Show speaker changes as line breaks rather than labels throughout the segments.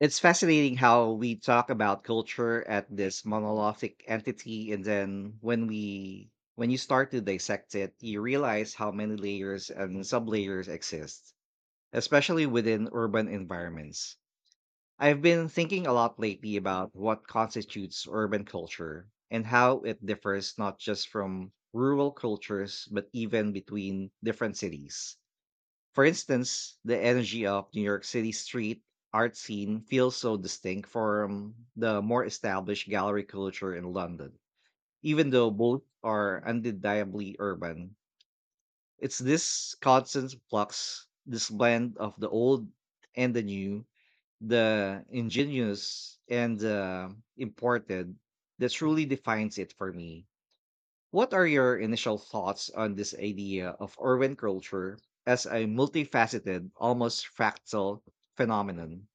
It's fascinating how we talk about culture at this monolithic entity, and then when you start to dissect it, you realize how many layers and sublayers exist, especially within urban environments. I've been thinking a lot lately about what constitutes urban culture and how it differs not just from rural cultures, but even between different cities. For instance, the energy of New York City's street art scene feels so distinct from the more established gallery culture in London. Even though both are undeniably urban, it's this constant flux, this blend of the old and the new, the ingenious and the imported, that truly defines it for me. What are your initial thoughts on this idea of urban culture as a multifaceted, almost fractal phenomenon?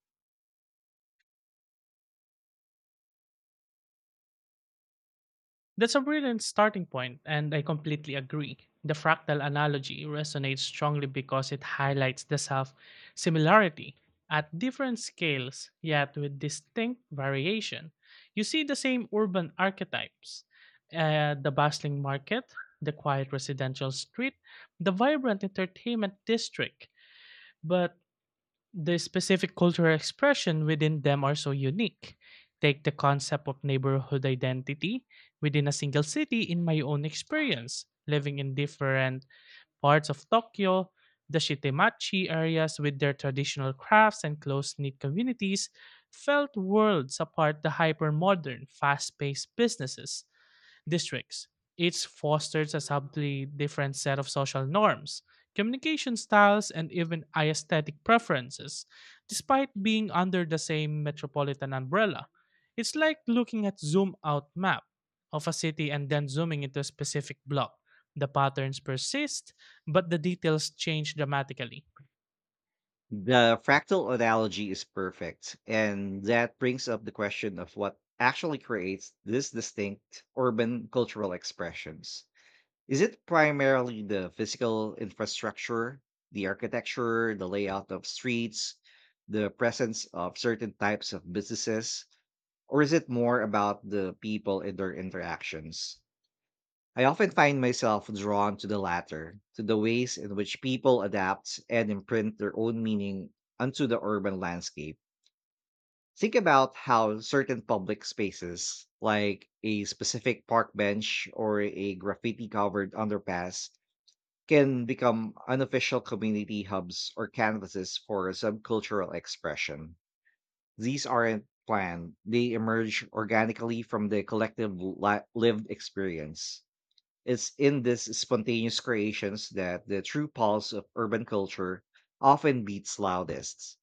That's a brilliant starting point, and I completely agree. The fractal analogy resonates strongly because it highlights the self similarity at different scales, yet with distinct variation. You see the same urban archetypes the bustling market, the quiet residential street, the vibrant entertainment district, but the specific cultural expression within them are so unique. Take the concept of neighborhood identity within a single city in my own experience, living in different parts of Tokyo, the Shitemachi areas with their traditional crafts and close-knit communities felt worlds apart the hyper-modern, fast-paced businesses districts. It fosters a subtly different set of social norms, communication styles, and even aesthetic preferences, despite being under the same metropolitan umbrella. It's like looking at zoom out map of a city and then zooming into a specific block. The patterns persist, but the details change dramatically.
The fractal analogy is perfect, and that brings up the question of what actually creates these distinct urban cultural expressions. Is it primarily the physical infrastructure, the architecture, the layout of streets, the presence of certain types of businesses, or is it more about the people and their interactions? I often find myself drawn to the latter, to the ways in which people adapt and imprint their own meaning onto the urban landscape. Think about how certain public spaces, like a specific park bench or a graffiti covered underpass, can become unofficial community hubs or canvases for subcultural expression. These aren't planned, they emerge organically from the collective lived experience. It's in these spontaneous creations that the true pulse of urban culture often beats loudest.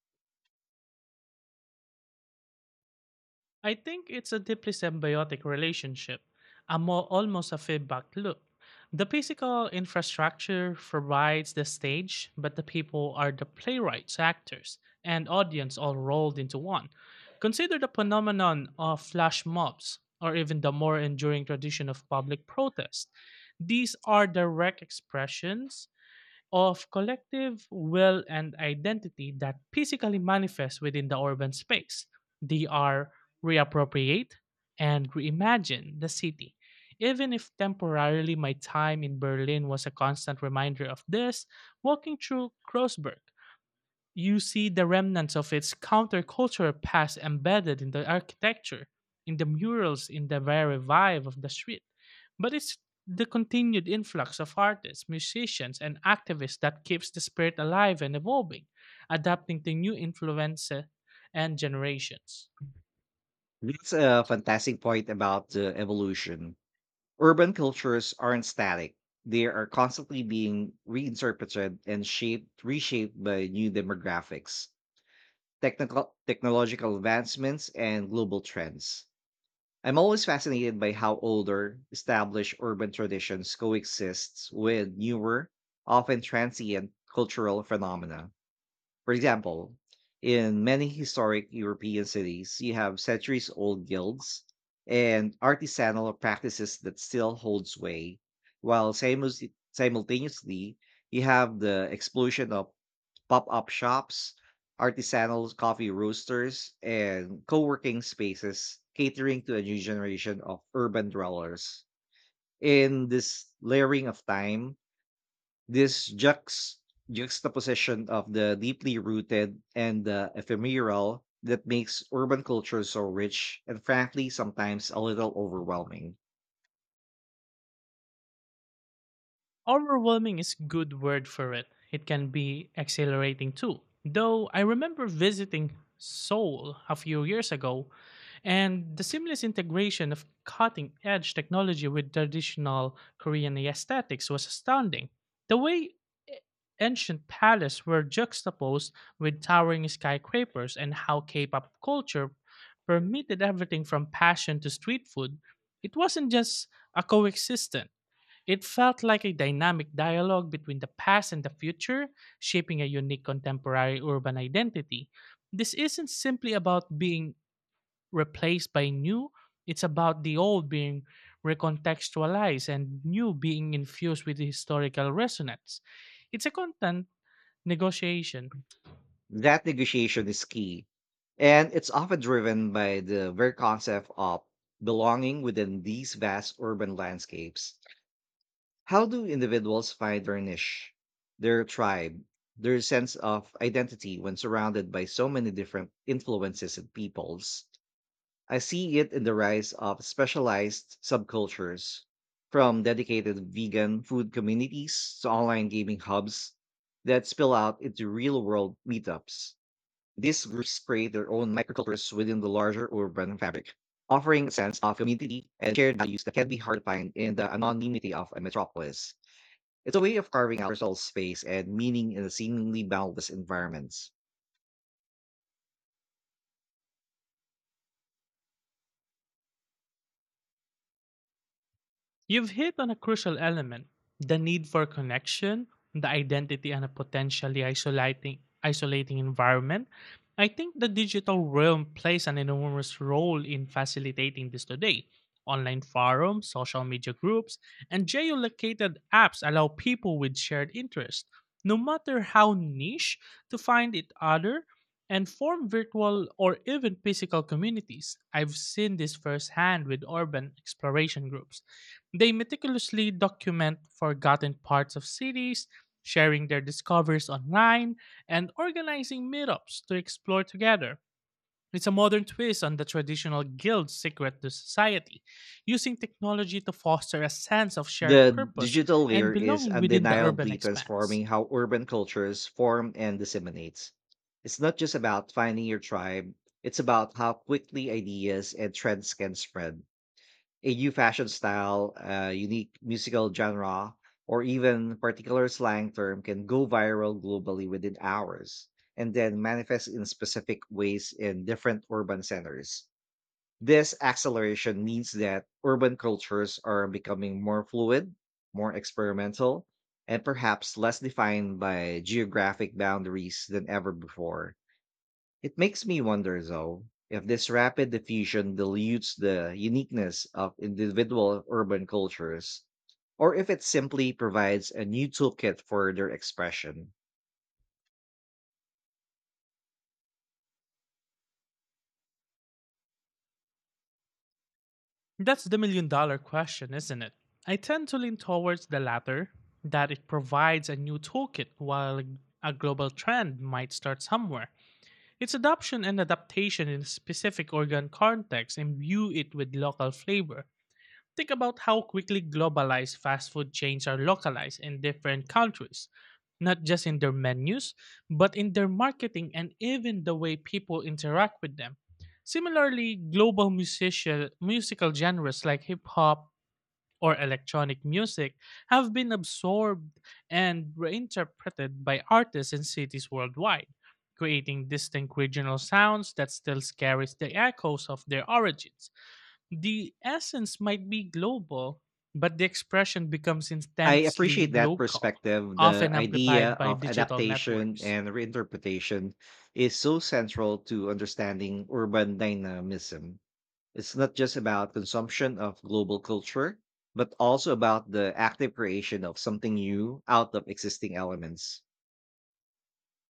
I think it's a deeply symbiotic relationship, a more, almost a feedback loop. The physical infrastructure provides the stage, but the people are the playwrights, actors, and audience all rolled into one. Consider the phenomenon of flash mobs, or even the more enduring tradition of public protest. These are direct expressions of collective will and identity that physically manifest within the urban space. They are reappropriate and reimagine the city. Even if temporarily, my time in Berlin was a constant reminder of this, walking through Kreuzberg you see the remnants of its countercultural past embedded in the architecture, in the murals, in the very vibe of the street. But it's the continued influx of artists, musicians, and activists that keeps the spirit alive and evolving, adapting to new influences and generations.
That's a fantastic point about the evolution. Urban cultures aren't static. They are constantly being reinterpreted and shaped, reshaped by new demographics, technical technological advancements, and global trends. I'm always fascinated by how older, established urban traditions coexist with newer, often transient cultural phenomena. For example, in many historic European cities, you have centuries old guilds and artisanal practices that still hold sway, while simultaneously, you have the explosion of pop-up shops, artisanal coffee roasters, and co-working spaces catering to a new generation of urban dwellers. In this layering of time, this juxtaposition of the deeply rooted and the ephemeral that makes urban culture so rich and frankly sometimes a little overwhelming.
Overwhelming is good word for it. It can be exhilarating too. Though I remember visiting Seoul a few years ago, and the seamless integration of cutting edge technology with traditional Korean aesthetics was astounding. The way ancient palaces were juxtaposed with towering skyscrapers, and how K pop culture permitted everything from passion to street food, it wasn't just a coexistence. It felt like a dynamic dialogue between the past and the future, shaping a unique contemporary urban identity. This isn't simply about being replaced by new. It's about the old being recontextualized and new being infused with historical resonance. It's a constant negotiation.
That negotiation is key, and it's often driven by the very concept of belonging within these vast urban landscapes. How do individuals find their niche, their tribe, their sense of identity when surrounded by so many different influences and peoples? I see it in the rise of specialized subcultures, from dedicated vegan food communities to online gaming hubs that spill out into real world meetups. These groups create their own microcultures within the larger urban fabric, offering a sense of community and shared values that can be hard to find in the anonymity of a metropolis. It's a way of carving out personal space and meaning in a seemingly boundless environments.
You've hit on a crucial element, the need for connection, the identity, and a potentially isolating, isolating environment. I think the digital realm plays an enormous role in facilitating this today. Online forums, social media groups, and geolocated apps allow people with shared interests, no matter how niche, to find each other and form virtual or even physical communities. I've seen this firsthand with urban exploration groups, they meticulously document forgotten parts of cities, sharing their discoveries online, and organizing meetups to explore together. It's a modern twist on the traditional guild's secret to society, using technology to foster a sense of shared
The
purpose
digital
and
layer is
belonging within the urban
undeniably
expanse.
transforming how urban cultures form and disseminates. It's not just about finding your tribe, it's about how quickly ideas and trends can spread. A new fashion style, a unique musical genre, or even particular slang term can go viral globally within hours and then manifest in specific ways in different urban centers. This acceleration means that urban cultures are becoming more fluid, more experimental, and perhaps less defined by geographic boundaries than ever before. It makes me wonder, though, if this rapid diffusion dilutes the uniqueness of individual urban cultures, or if it simply provides a new toolkit for their expression.
That's the million dollar question, isn't it? I tend to lean towards the latter, that it provides a new toolkit while a global trend might start somewhere. Its adoption and adaptation in a specific organ context imbue it with local flavor. Think about how quickly globalized fast food chains are localized in different countries, not just in their menus, but in their marketing and even the way people interact with them. Similarly, global musical genres like hip hop or electronic music have been absorbed and reinterpreted by artists in cities worldwide, creating distinct regional sounds that still carries the echoes of their origins. The essence might be global, but the expression becomes
I
intensely
appreciate that
local,
perspective. The
often
idea
amplified by
of
digital
adaptation
networks.
and reinterpretation is so central to understanding urban dynamism. It's not just about consumption of global culture, but also about the active creation of something new out of existing elements.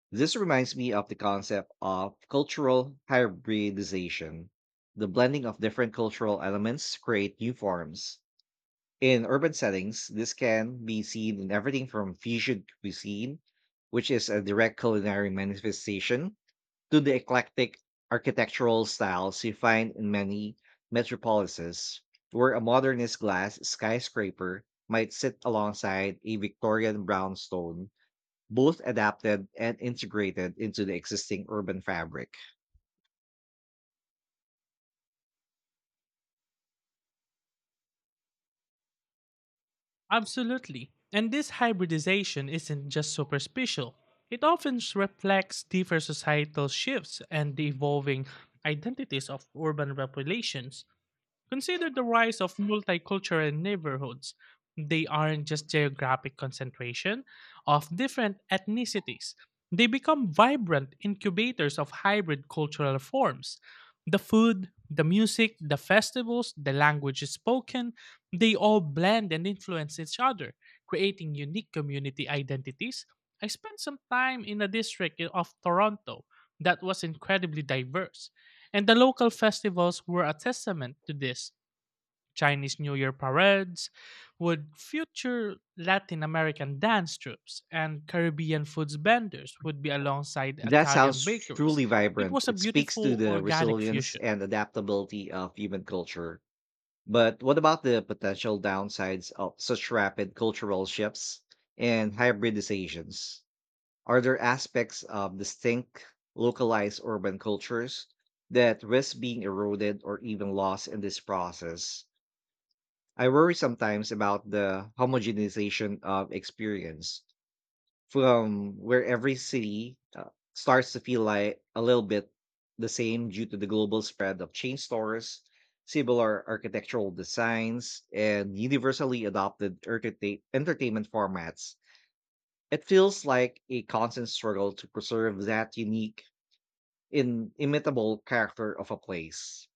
This reminds me of the concept of cultural hybridization, the blending of different cultural elements to create new forms. In urban settings, this can be seen in everything from fusion cuisine, which is a direct culinary manifestation, to the eclectic architectural styles you find in many metropolises, where a modernist glass skyscraper might sit alongside a Victorian brownstone both adapted and integrated into the existing urban fabric.
Absolutely. And this hybridization isn't just superficial. It often reflects deeper societal shifts and the evolving identities of urban populations. Consider the rise of multicultural neighborhoods. They aren't just geographic concentration of different ethnicities. They become vibrant incubators of hybrid cultural forms. The food, the music, the festivals, the languages spoken, they all blend and influence each other, creating unique community identities. I spent some time in a district of Toronto that was incredibly diverse, and the local festivals were a testament to this. Chinese New Year parades, would future Latin American dance troupes and Caribbean foods vendors would be alongside
That
Italian
sounds
bakeries.
truly
It
vibrant.
was a
It speaks to
beautiful
the
organic
resilience
fusion.
and adaptability of human culture. But what about the potential downsides of such rapid cultural shifts and hybridizations? Are there aspects of distinct, localized urban cultures that risk being eroded or even lost in this process? I worry sometimes about the homogenization of experience from where every city starts to feel like a little bit the same due to the global spread of chain stores, similar architectural designs, and universally adopted entertainment formats. It feels like a constant struggle to preserve that unique, inimitable character of a place.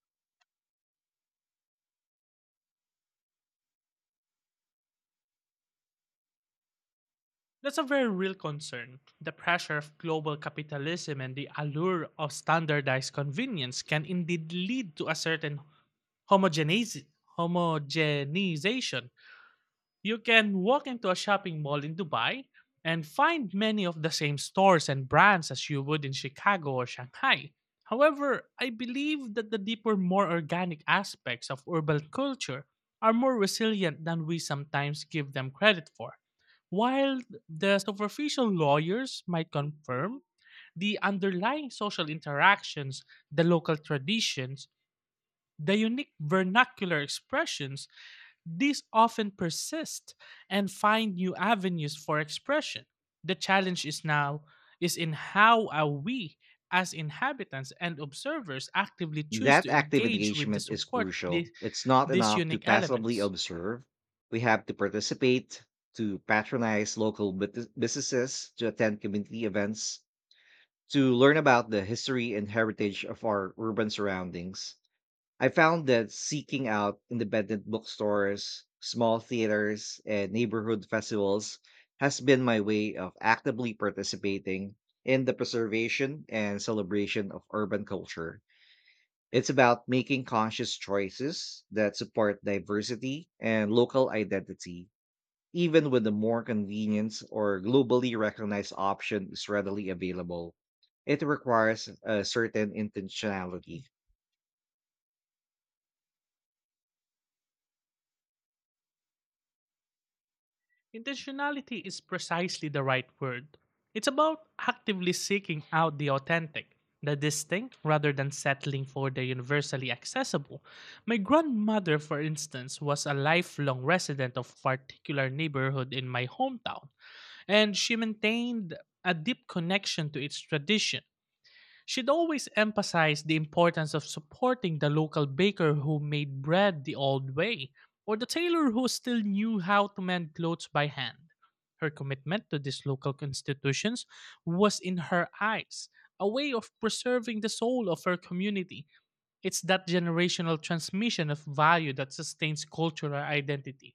That's a very real concern. The pressure of global capitalism and the allure of standardized convenience can indeed lead to a certain homogenize, homogenization, you can walk into a shopping mall in Dubai and find many of the same stores and brands as you would in Chicago or Shanghai. However, I believe that the deeper, more organic aspects of urban culture are more resilient than we sometimes give them credit for. While the superficial lawyers might confirm, the underlying social interactions, the local traditions, the unique vernacular expressions, these often persist and find new avenues for expression. The challenge is now is in how are we as inhabitants and observers actively choose
That
to
active
engage with the
engagement is
support
crucial. It's not
these
enough to
unique
passively
elements.
observe. We have to participate, to patronize local businesses, to attend community events, to learn about the history and heritage of our urban surroundings. I found that seeking out independent bookstores, small theaters, and neighborhood festivals has been my way of actively participating in the preservation and celebration of urban culture. It's about making conscious choices that support diversity and local identity, even when the more convenient or globally recognized option is readily available. It requires a certain intentionality.
Intentionality is precisely the right word. It's about actively seeking out the authentic, the distinct, rather than settling for the universally accessible. My grandmother, for instance, was a lifelong resident of a particular neighborhood in my hometown, and she maintained a deep connection to its tradition. She'd always emphasize the importance of supporting the local baker who made bread the old way, or the tailor who still knew how to mend clothes by hand. Her commitment to these local institutions was, in her eyes, a way of preserving the soul of her community. It's that generational transmission of value that sustains cultural identity.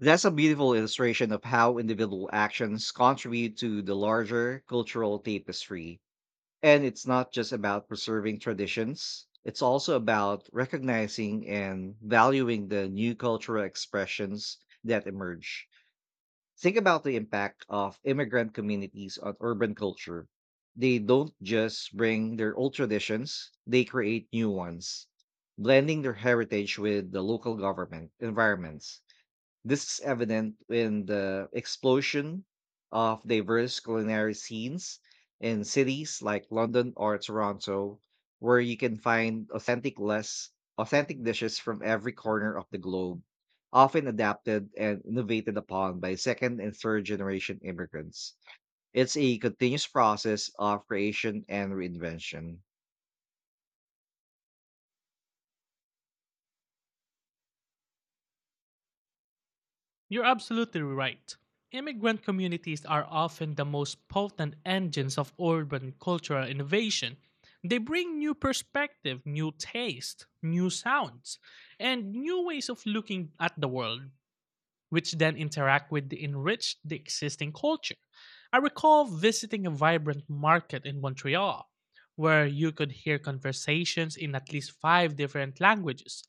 That's a beautiful illustration of how individual actions contribute to the larger cultural tapestry. And it's not just about preserving traditions, it's also about recognizing and valuing the new cultural expressions that emerge. Think about the impact of immigrant communities on urban culture. They don't just bring their old traditions, they create new ones, blending their heritage with the local government environments. This is evident in the explosion of diverse culinary scenes in cities like London or Toronto, where you can find authentic less authentic dishes from every corner of the globe, often adapted and innovated upon by second and third generation immigrants. It's a continuous process of creation and reinvention.
You're absolutely right. Immigrant communities are often the most potent engines of urban cultural innovation. They bring new perspective, new taste, new sounds, and new ways of looking at the world which then interact with the enrich the existing culture. I recall visiting a vibrant market in Montreal where you could hear conversations in at least five different languages,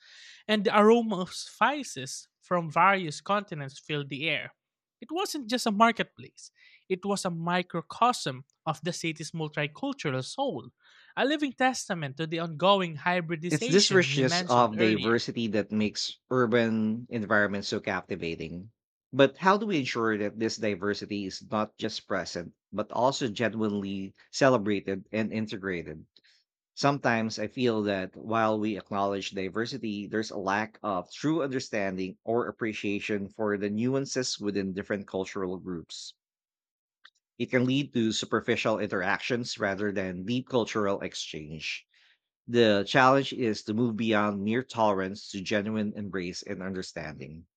and the aroma of spices from various continents filled the air. It wasn't just a marketplace, it was a microcosm of the city's multicultural soul, a living testament to the ongoing
It's this
hybridization you
richness
mentioned
of
earlier.
diversity that makes urban environments so captivating. But how do we ensure that this diversity is not just present, but also genuinely celebrated and integrated? Sometimes I feel that while we acknowledge diversity, there's a lack of true understanding or appreciation for the nuances within different cultural groups. It can lead to superficial interactions rather than deep cultural exchange. The challenge is to move beyond mere tolerance to genuine embrace and understanding.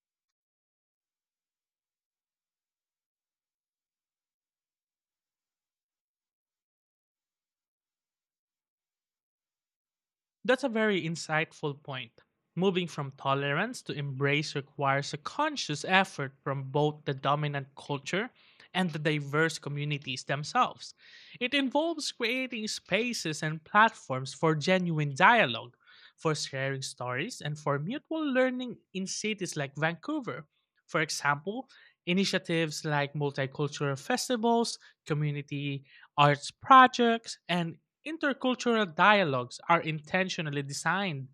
That's a very insightful point. Moving from tolerance to embrace requires a conscious effort from both the dominant culture and the diverse communities themselves. It involves creating spaces and platforms for genuine dialogue, for sharing stories, and for mutual learning in cities like Vancouver. For example, initiatives like multicultural festivals, community arts projects, and intercultural dialogues are intentionally designed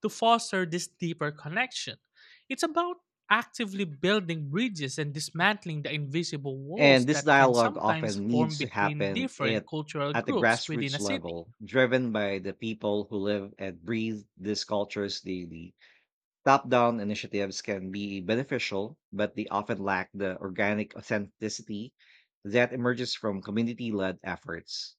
to foster this deeper connection. It's about actively building bridges and dismantling the invisible
And
walls
this
that can
dialogue
sometimes
often
form
needs to
between
happen
different cultural
at the
groups within
grassroots
a city.
level, driven by the people who live and breathe these cultures daily. Top down initiatives can be beneficial, but they often lack the organic authenticity that emerges from community led efforts.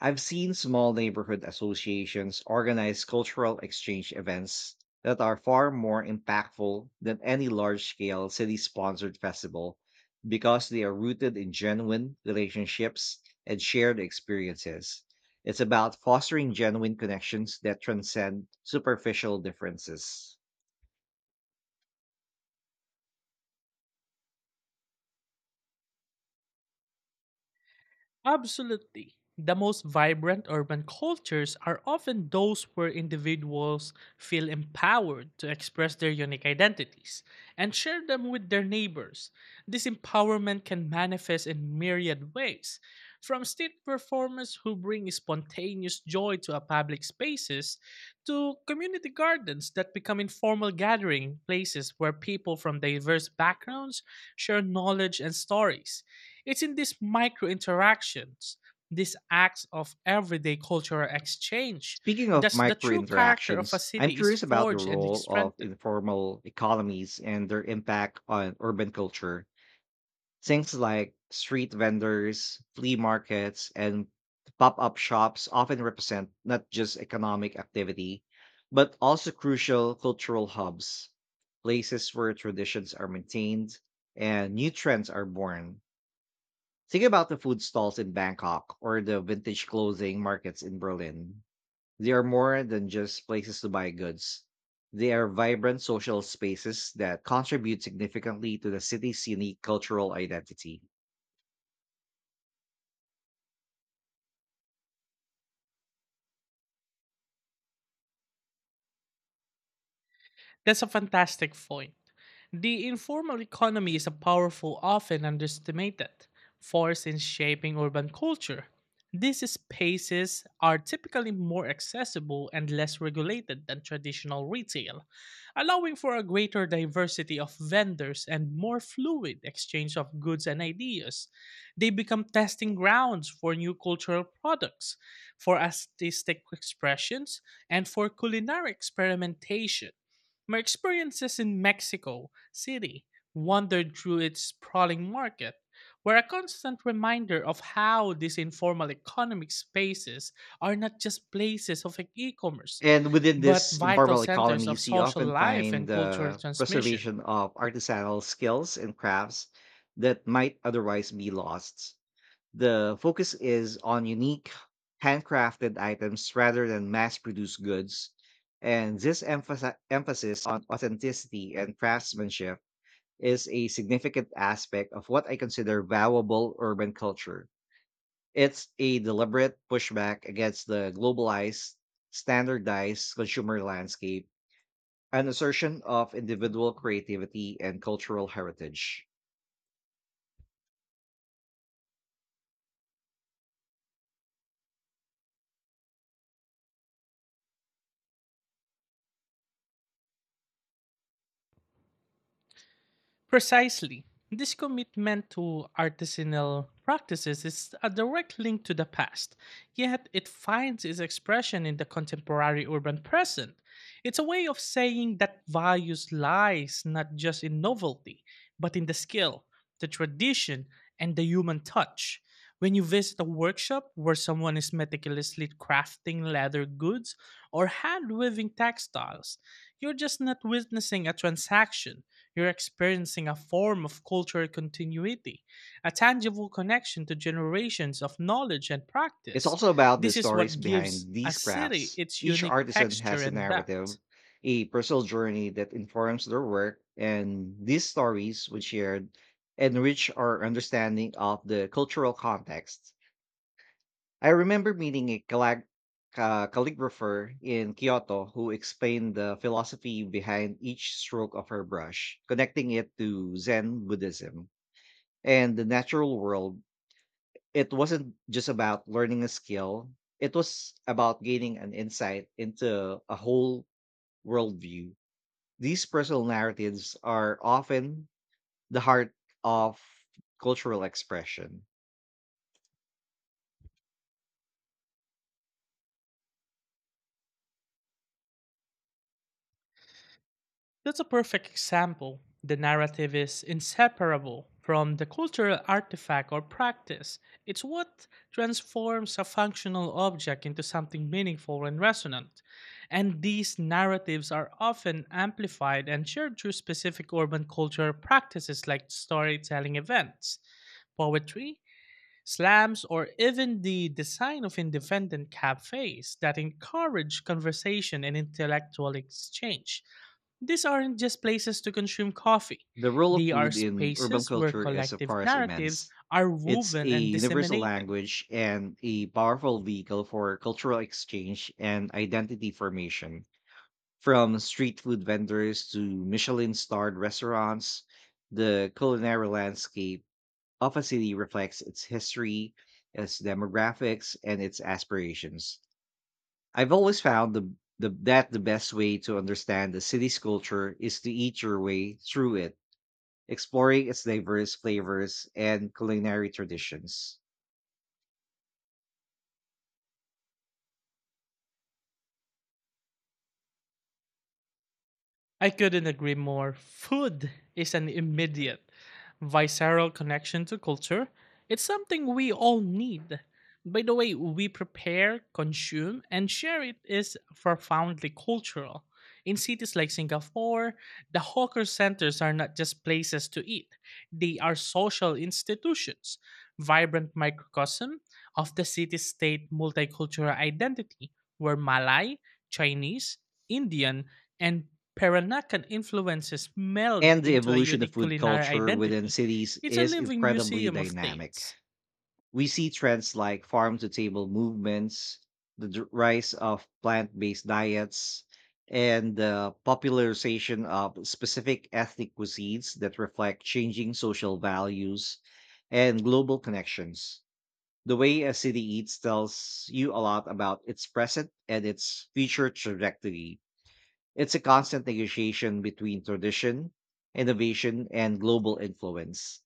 I've seen small neighborhood associations organize cultural exchange events that are far more impactful than any large scale city sponsored festival because they are rooted in genuine relationships and shared experiences. It's about fostering genuine connections that transcend superficial differences.
Absolutely. The most vibrant urban cultures are often those where individuals feel empowered to express their unique identities and share them with their neighbors. This empowerment can manifest in myriad ways, from street performers who bring spontaneous joy to our public spaces to community gardens that become informal gathering places where people from diverse backgrounds share knowledge and stories. It's in these micro interactions, these acts of everyday cultural exchange,
Speaking of
that the
micro
true character of a
interactions, I'm
city is
curious about the
forged and
role of
strengthened.
informal economies and their impact on urban culture. Things like street vendors, flea markets, and pop up shops often represent not just economic activity, but also crucial cultural hubs, places where traditions are maintained and new trends are born. Think about the food stalls in Bangkok or the vintage clothing markets in Berlin. They are more than just places to buy goods. They are vibrant social spaces that contribute significantly to the city's unique cultural identity.
That's a fantastic point. The informal economy is a powerful, often underestimated, force in shaping urban culture. These spaces are typically more accessible and less regulated than traditional retail, allowing for a greater diversity of vendors and more fluid exchange of goods and ideas. They become testing grounds for new cultural products, for artistic expressions, and for culinary experimentation. My experiences in Mexico City, wandered through its sprawling market, were a constant reminder of how these informal economic spaces are not just places of e commerce,
And within
but
this
vital
informal
centers of
economies, you
social
often
life
find
and cultural
the
transmission.
preservation of artisanal skills and crafts that might otherwise be lost. The focus is on unique, handcrafted items rather than mass produced goods. And this emphasis on authenticity and craftsmanship is a significant aspect of what I consider valuable urban culture. It's a deliberate pushback against the globalized, standardized consumer landscape, an assertion of individual creativity and cultural heritage.
Precisely. This commitment to artisanal practices is a direct link to the past, yet it finds its expression in the contemporary urban present. It's a way of saying that values lies not just in novelty, but in the skill, the tradition, and the human touch. When you visit a workshop where someone is meticulously crafting leather goods or hand weaving textiles, you're just not witnessing a transaction, you're experiencing a form of cultural continuity, a tangible connection to generations of knowledge and
It's
practice.
also about the
This is
stories
what gives
behind
a
these
city
crafts.
its
Each
unique
artisan
texture
has a
and
narrative,
depth.
a personal journey that informs their work, and these stories, when shared, enrich our understanding of the cultural context. I remember meeting a calligrapher in Kyoto who explained the philosophy behind each stroke of her brush, connecting it to Zen Buddhism and the natural world. It wasn't just about learning a skill, it was about gaining an insight into a whole worldview. These personal narratives are often the heart of cultural expression.
That's a perfect example. The narrative is inseparable from the cultural artifact or practice. It's what transforms a functional object into something meaningful and resonant. And these narratives are often amplified and shared through specific urban cultural practices like storytelling events, poetry, slams, or even the design of independent cafes that encourage conversation and intellectual exchange. These aren't just places to consume coffee.
The role of
They are
food in urban
spaces where
culture is, of
collective
course,
narratives
immense.
are
It's a
woven and
universal
disseminated.
language and a powerful vehicle for cultural exchange and identity formation. From street food vendors to Michelin starred restaurants, the culinary landscape of a city reflects its history, its demographics, and its aspirations. I've always found that the best way to understand the city's culture is to eat your way through it, exploring its diverse flavors and culinary traditions.
I couldn't agree more. Food is an immediate, visceral connection to culture. It's something we all need. By the way we prepare, consume, and share it is profoundly cultural. In cities like Singapore, the hawker centers are not just places to eat, they are social institutions, vibrant microcosm of the city state multicultural identity, where Malay, Chinese, Indian, and Peranakan influences meld
And the
into a
evolution of
unique
food
culinary
culture within
identity.
cities
It's a
is
living
incredibly
museum of
dynamic.
tastes.
We see trends like farm to table movements, rise of plant based diets, and the popularization of specific ethnic cuisines that reflect changing social values and global connections. The way a city eats tells you a lot about its present and its future trajectory. It's a constant negotiation between tradition, innovation, and global influence.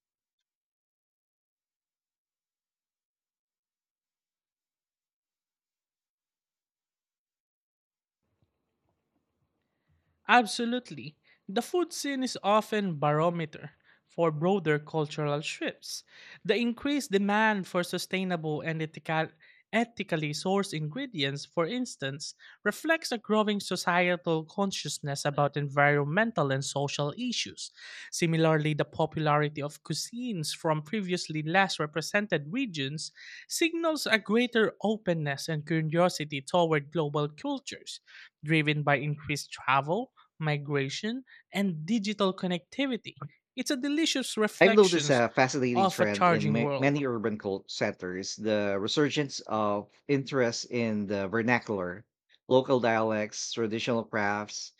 Absolutely. The food scene is often barometer for broader cultural shifts. The increased demand for sustainable and ethical, ethically sourced ingredients, for instance, reflects a growing societal consciousness about environmental and social issues. Similarly, the popularity of cuisines from previously less represented regions signals a greater openness and curiosity toward global cultures driven by increased travel migration, and digital connectivity. It's a delicious
I've noticed
reflection
a fascinating
of a
trend in
charging world.
many urban cult centers, the resurgence of interest in the vernacular, local dialects, traditional crafts,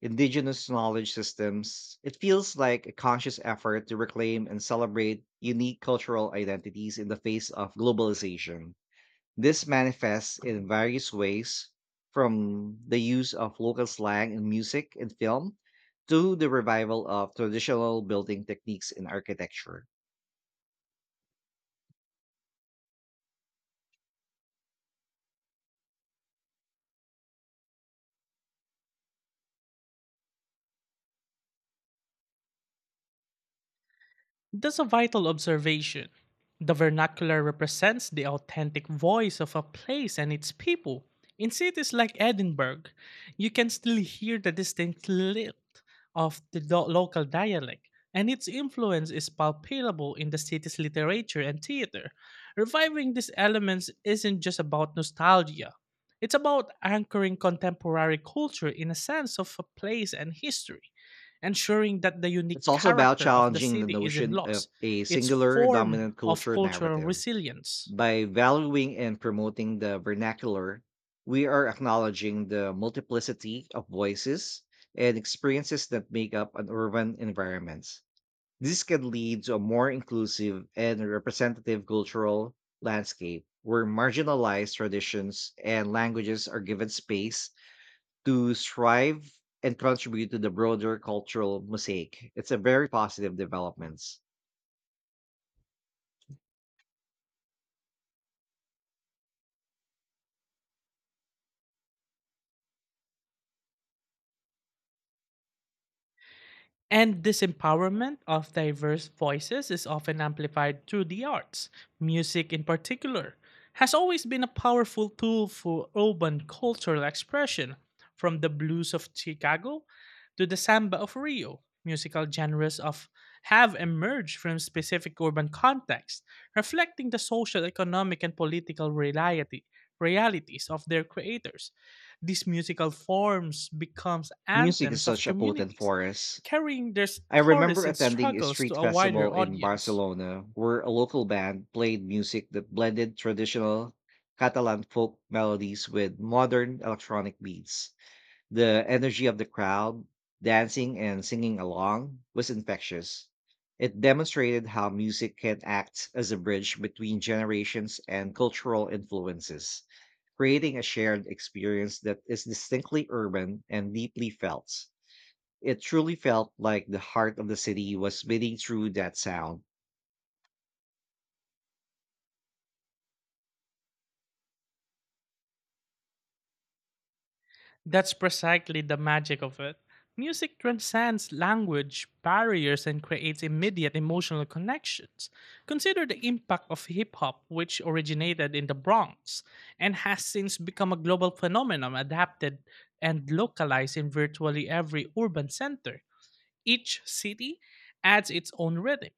indigenous knowledge systems. It feels like a conscious effort to reclaim and celebrate unique cultural identities in the face of globalization. This manifests in various ways, from the use of local slang in music and film to the revival of traditional building techniques in architecture.
That's a vital observation. The vernacular represents the authentic voice of a place and its people. In cities like Edinburgh, you can still hear the distinct lilt of the local dialect, and its influence is palpable in the city's literature and theater. Reviving these elements isn't just about nostalgia, it's about anchoring contemporary culture in a sense of a place and history ensuring that the
It's
unique
also about
character of the
challenging the
city isn't
notion of
lost,
a
its
singular
form
dominant
of
culture
cultural
narrative.
resilience.
By valuing and promoting the vernacular, we are acknowledging the multiplicity of voices and experiences that make up an urban environment. This can lead to a more inclusive and representative cultural landscape where marginalized traditions and languages are given space to thrive and contribute to the broader cultural mosaic. It's a very positive development.
And this empowerment of diverse voices is often amplified through the arts. Music, in particular, has always been a powerful tool for urban cultural expression, from the blues of Chicago to the samba of Rio. Musical genres of have emerged from specific urban contexts, reflecting the social, economic, and political reality, realities of their creators. These musical forms becomes
Music is
anthems of
such a potent
communities
force.
carrying their
I
stories
remember
and
attending a
struggles to
street
a wider
festival in
audience.
Barcelona where a local band played music that blended traditional Catalan folk melodies with modern electronic beats. The energy of the crowd, dancing and singing along, was infectious. It demonstrated how music can act as a bridge between generations and cultural influences, creating a shared experience that is distinctly urban and deeply felt. It truly felt like the heart of the city was beating through that sound.
That's precisely the magic of it. Music transcends language barriers and creates immediate emotional connections. Consider the impact of hip hop, which originated in the Bronx and has since become a global phenomenon adapted and localized in virtually every urban center. Each city adds its own rhythm,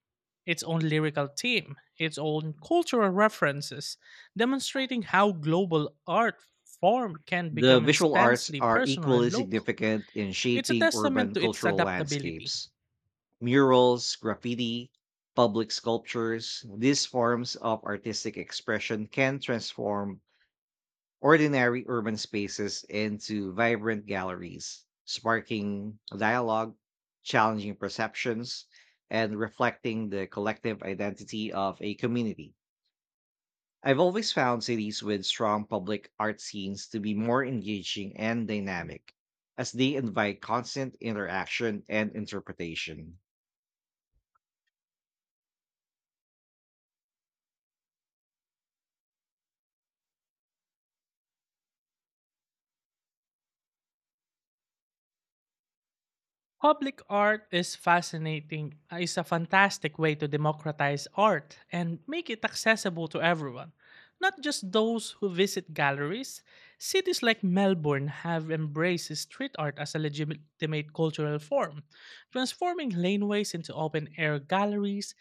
its own lyrical theme, its own cultural references, demonstrating how global art form can
The
become
visual arts
instantly
are
personal
equally
and local.
significant in
It's a
shaping
testament
urban
to its
cultural
adaptability.
landscapes. Murals, graffiti, public sculptures, these forms of artistic expression can transform ordinary urban spaces into vibrant galleries, sparking dialogue, challenging perceptions, and reflecting the collective identity of a community. I've always found cities with strong public art scenes to be more engaging and dynamic, as they invite constant interaction and interpretation.
Public art is fascinating, is a fantastic way to democratize art and make it accessible to everyone, not just those who visit galleries. Cities like Melbourne have embraced street art as a legitimate cultural form, transforming laneways into open air galleries,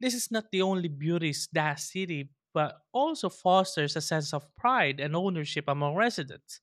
this is not the only beauty's that city, but also fosters a sense of pride and ownership among residents.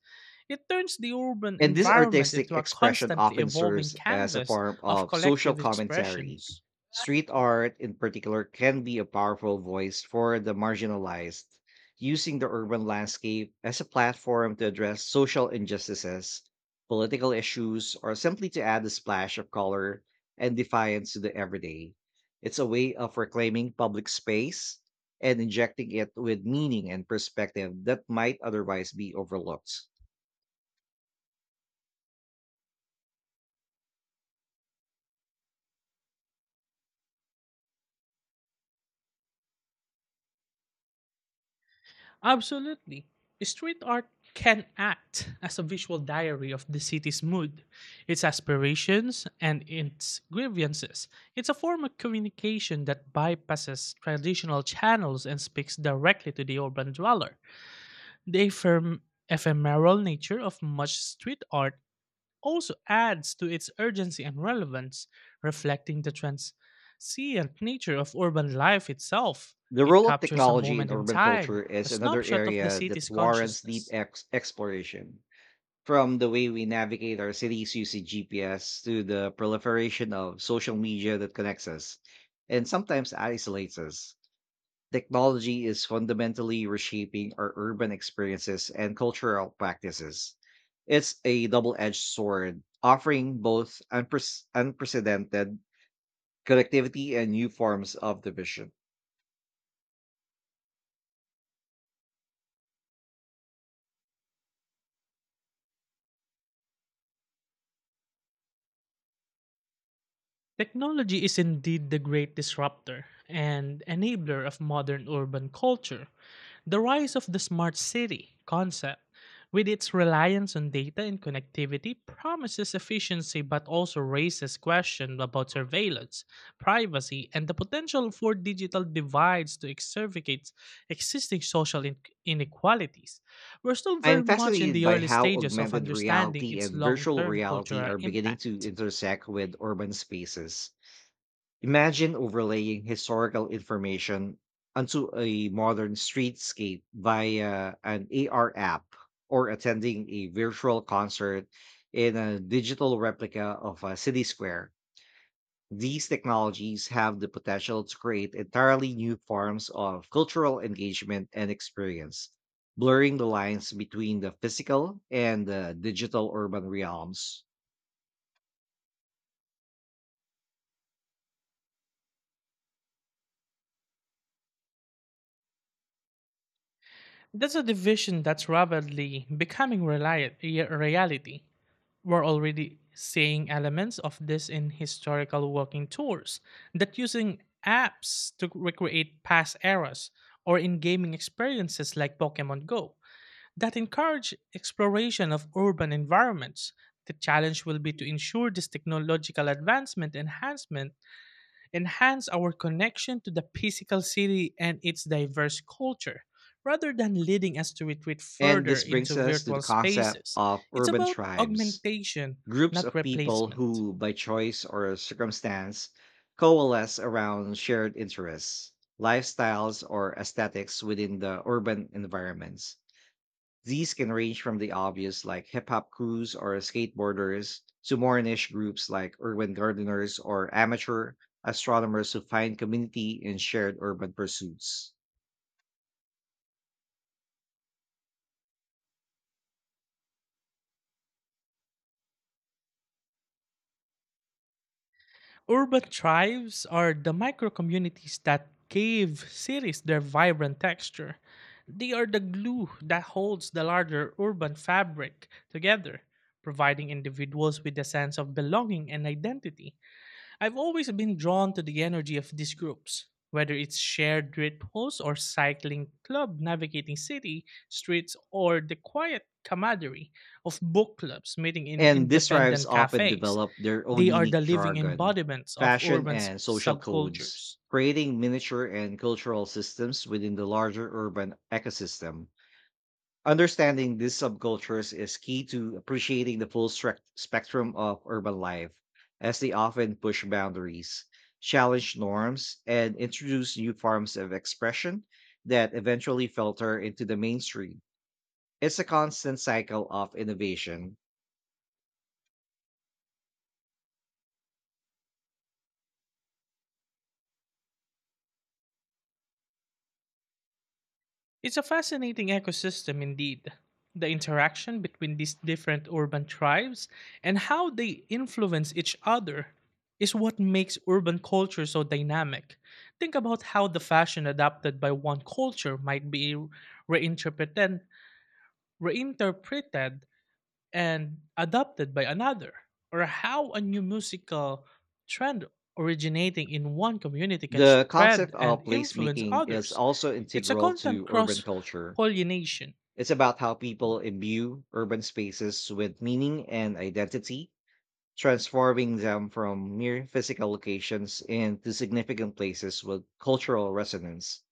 It turns the urban
And this
environment
artistic
into a
expression
constantly
often
evolving
serves as a
canvas
form
of
of social
collective
commentary.
expressions.
Street art, in particular, can be a powerful voice for the marginalized, using the urban landscape as a platform to address social injustices, political issues, or simply to add a splash of color and defiance to the everyday. It's a way of reclaiming public space and injecting it with meaning and perspective that might otherwise be overlooked.
Absolutely. Street art can act as a visual diary of the city's mood, its aspirations, and its grievances. It's a form of communication that bypasses traditional channels and speaks directly to the urban dweller. The ephemeral nature of much street art also adds to its urgency and relevance, reflecting the transient nature of urban life itself.
The
It
role of
captures a
technology in
moment in
urban
time,
culture
a
is another
snapshot of the
area
city's
that warrants deep
consciousness.
exploration. From the way we navigate our cities using GPS to the proliferation of social media that connects us and sometimes isolates us, technology is fundamentally reshaping our urban experiences and cultural practices. It's a double edged sword, offering both unprecedented connectivity, and new forms of division.
Technology is indeed the great disruptor and enabler of modern urban culture. The rise of the smart city concept, with its reliance on data and connectivity, promises efficiency but also raises questions about surveillance, privacy, and the potential for digital divides to exacerbate existing social, inequalities. We're still
I am
very much in
fascinated
the
by
early
how
stages of
augmented
understanding
reality
its
and
long
virtual
term
reality
cultural
are beginning to
impact.
intersect with urban spaces. Imagine overlaying historical information onto a modern streetscape via an AR app or attending a virtual concert in a digital replica of a city square. These technologies have the potential to create entirely new forms of cultural engagement and experience, blurring the lines between the physical and the digital urban realms.
That's a division that's rapidly becoming reality. We're already seeing elements of this in historical walking tours that using apps to recreate past eras or in gaming experiences like Pokemon Go that encourage exploration of urban environments. The challenge will be to ensure this technological advancement enhancement enhance our connection to the physical city and its diverse culture, rather than leading us to retreat
And
further
this brings
into
us to the
virtual
concept
spaces.
of
It's
urban
about
tribes,
augmentation,
groups
not
of people
replacement.
who, by choice or circumstance, coalesce around shared interests, lifestyles, or aesthetics within the urban environments. These can range from the obvious like hip hop crews or skateboarders to more niche groups like urban gardeners or amateur astronomers who find community in shared urban pursuits.
Urban tribes are the micro communities that give cities their vibrant texture. They are the glue that holds the larger urban fabric together, providing individuals with a sense of belonging and identity. I've always been drawn to the energy of these groups, whether it's shared rituals or cycling club navigating city streets or the quiet camaraderie of book clubs meeting in
And these tribes
independent
often
cafes.
develop their own
They are
unique
the living
jargon,
embodiments of
fashion,
urban
and social codes,
subcultures.
creating miniature and cultural systems within the larger urban ecosystem. Understanding these subcultures is key to appreciating the full spectrum of urban life, as they often push boundaries, challenge norms, and introduce new forms of expression that eventually filter into the mainstream. It's a constant cycle of innovation.
It's a fascinating ecosystem indeed. The interaction between these different urban tribes and how they influence each other is what makes urban culture so dynamic. Think about how the fashion adopted by one culture might be reinterpreted, reinterpreted and adopted by another, or how a new musical trend originating in one community can
The
spread
concept
and
of
influence
placemaking is
others.
also
It's a
integral
constant
to urban
cross
culture.
pollination.
It's about how people imbue urban spaces with meaning and identity, transforming them from mere physical locations into significant places with cultural resonance.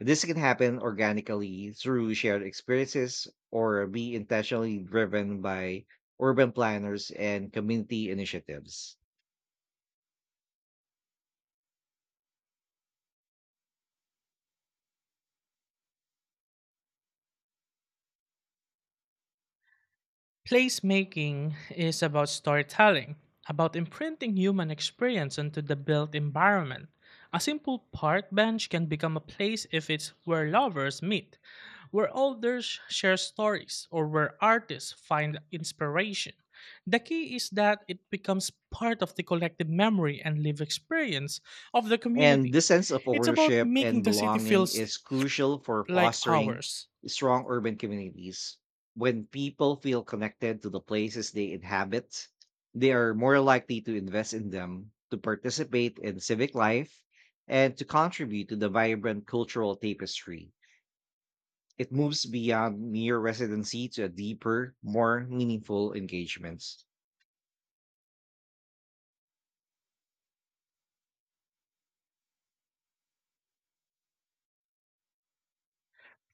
This can happen organically through shared experiences or be intentionally driven by urban planners and community initiatives.
Placemaking is about storytelling, about imprinting human experience into the built environment. A simple park bench can become a place if it's where lovers meet, where elders share stories, or where artists find inspiration. The key is that it becomes part of the collective memory and lived experience of the
And
community.
this sense of
It's about
ownership and
making the city
belonging
feels
is crucial for
like
fostering
ours.
strong urban communities. When people feel connected to the places they inhabit, they are more likely to invest in them, to participate in civic life, and to contribute to the vibrant cultural tapestry. It moves beyond mere residency to a deeper, more meaningful engagements.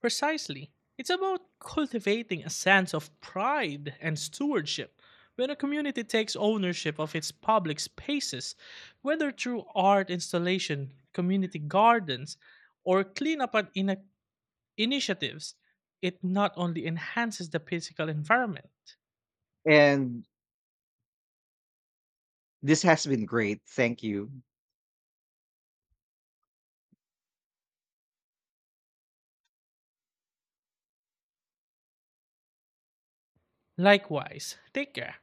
Precisely. It's about cultivating a sense of pride and stewardship. When a community takes ownership of its public spaces, whether through art installation, community gardens, or initiatives, it not only enhances the physical environment.
And this has been great. Thank you.
Likewise, take care.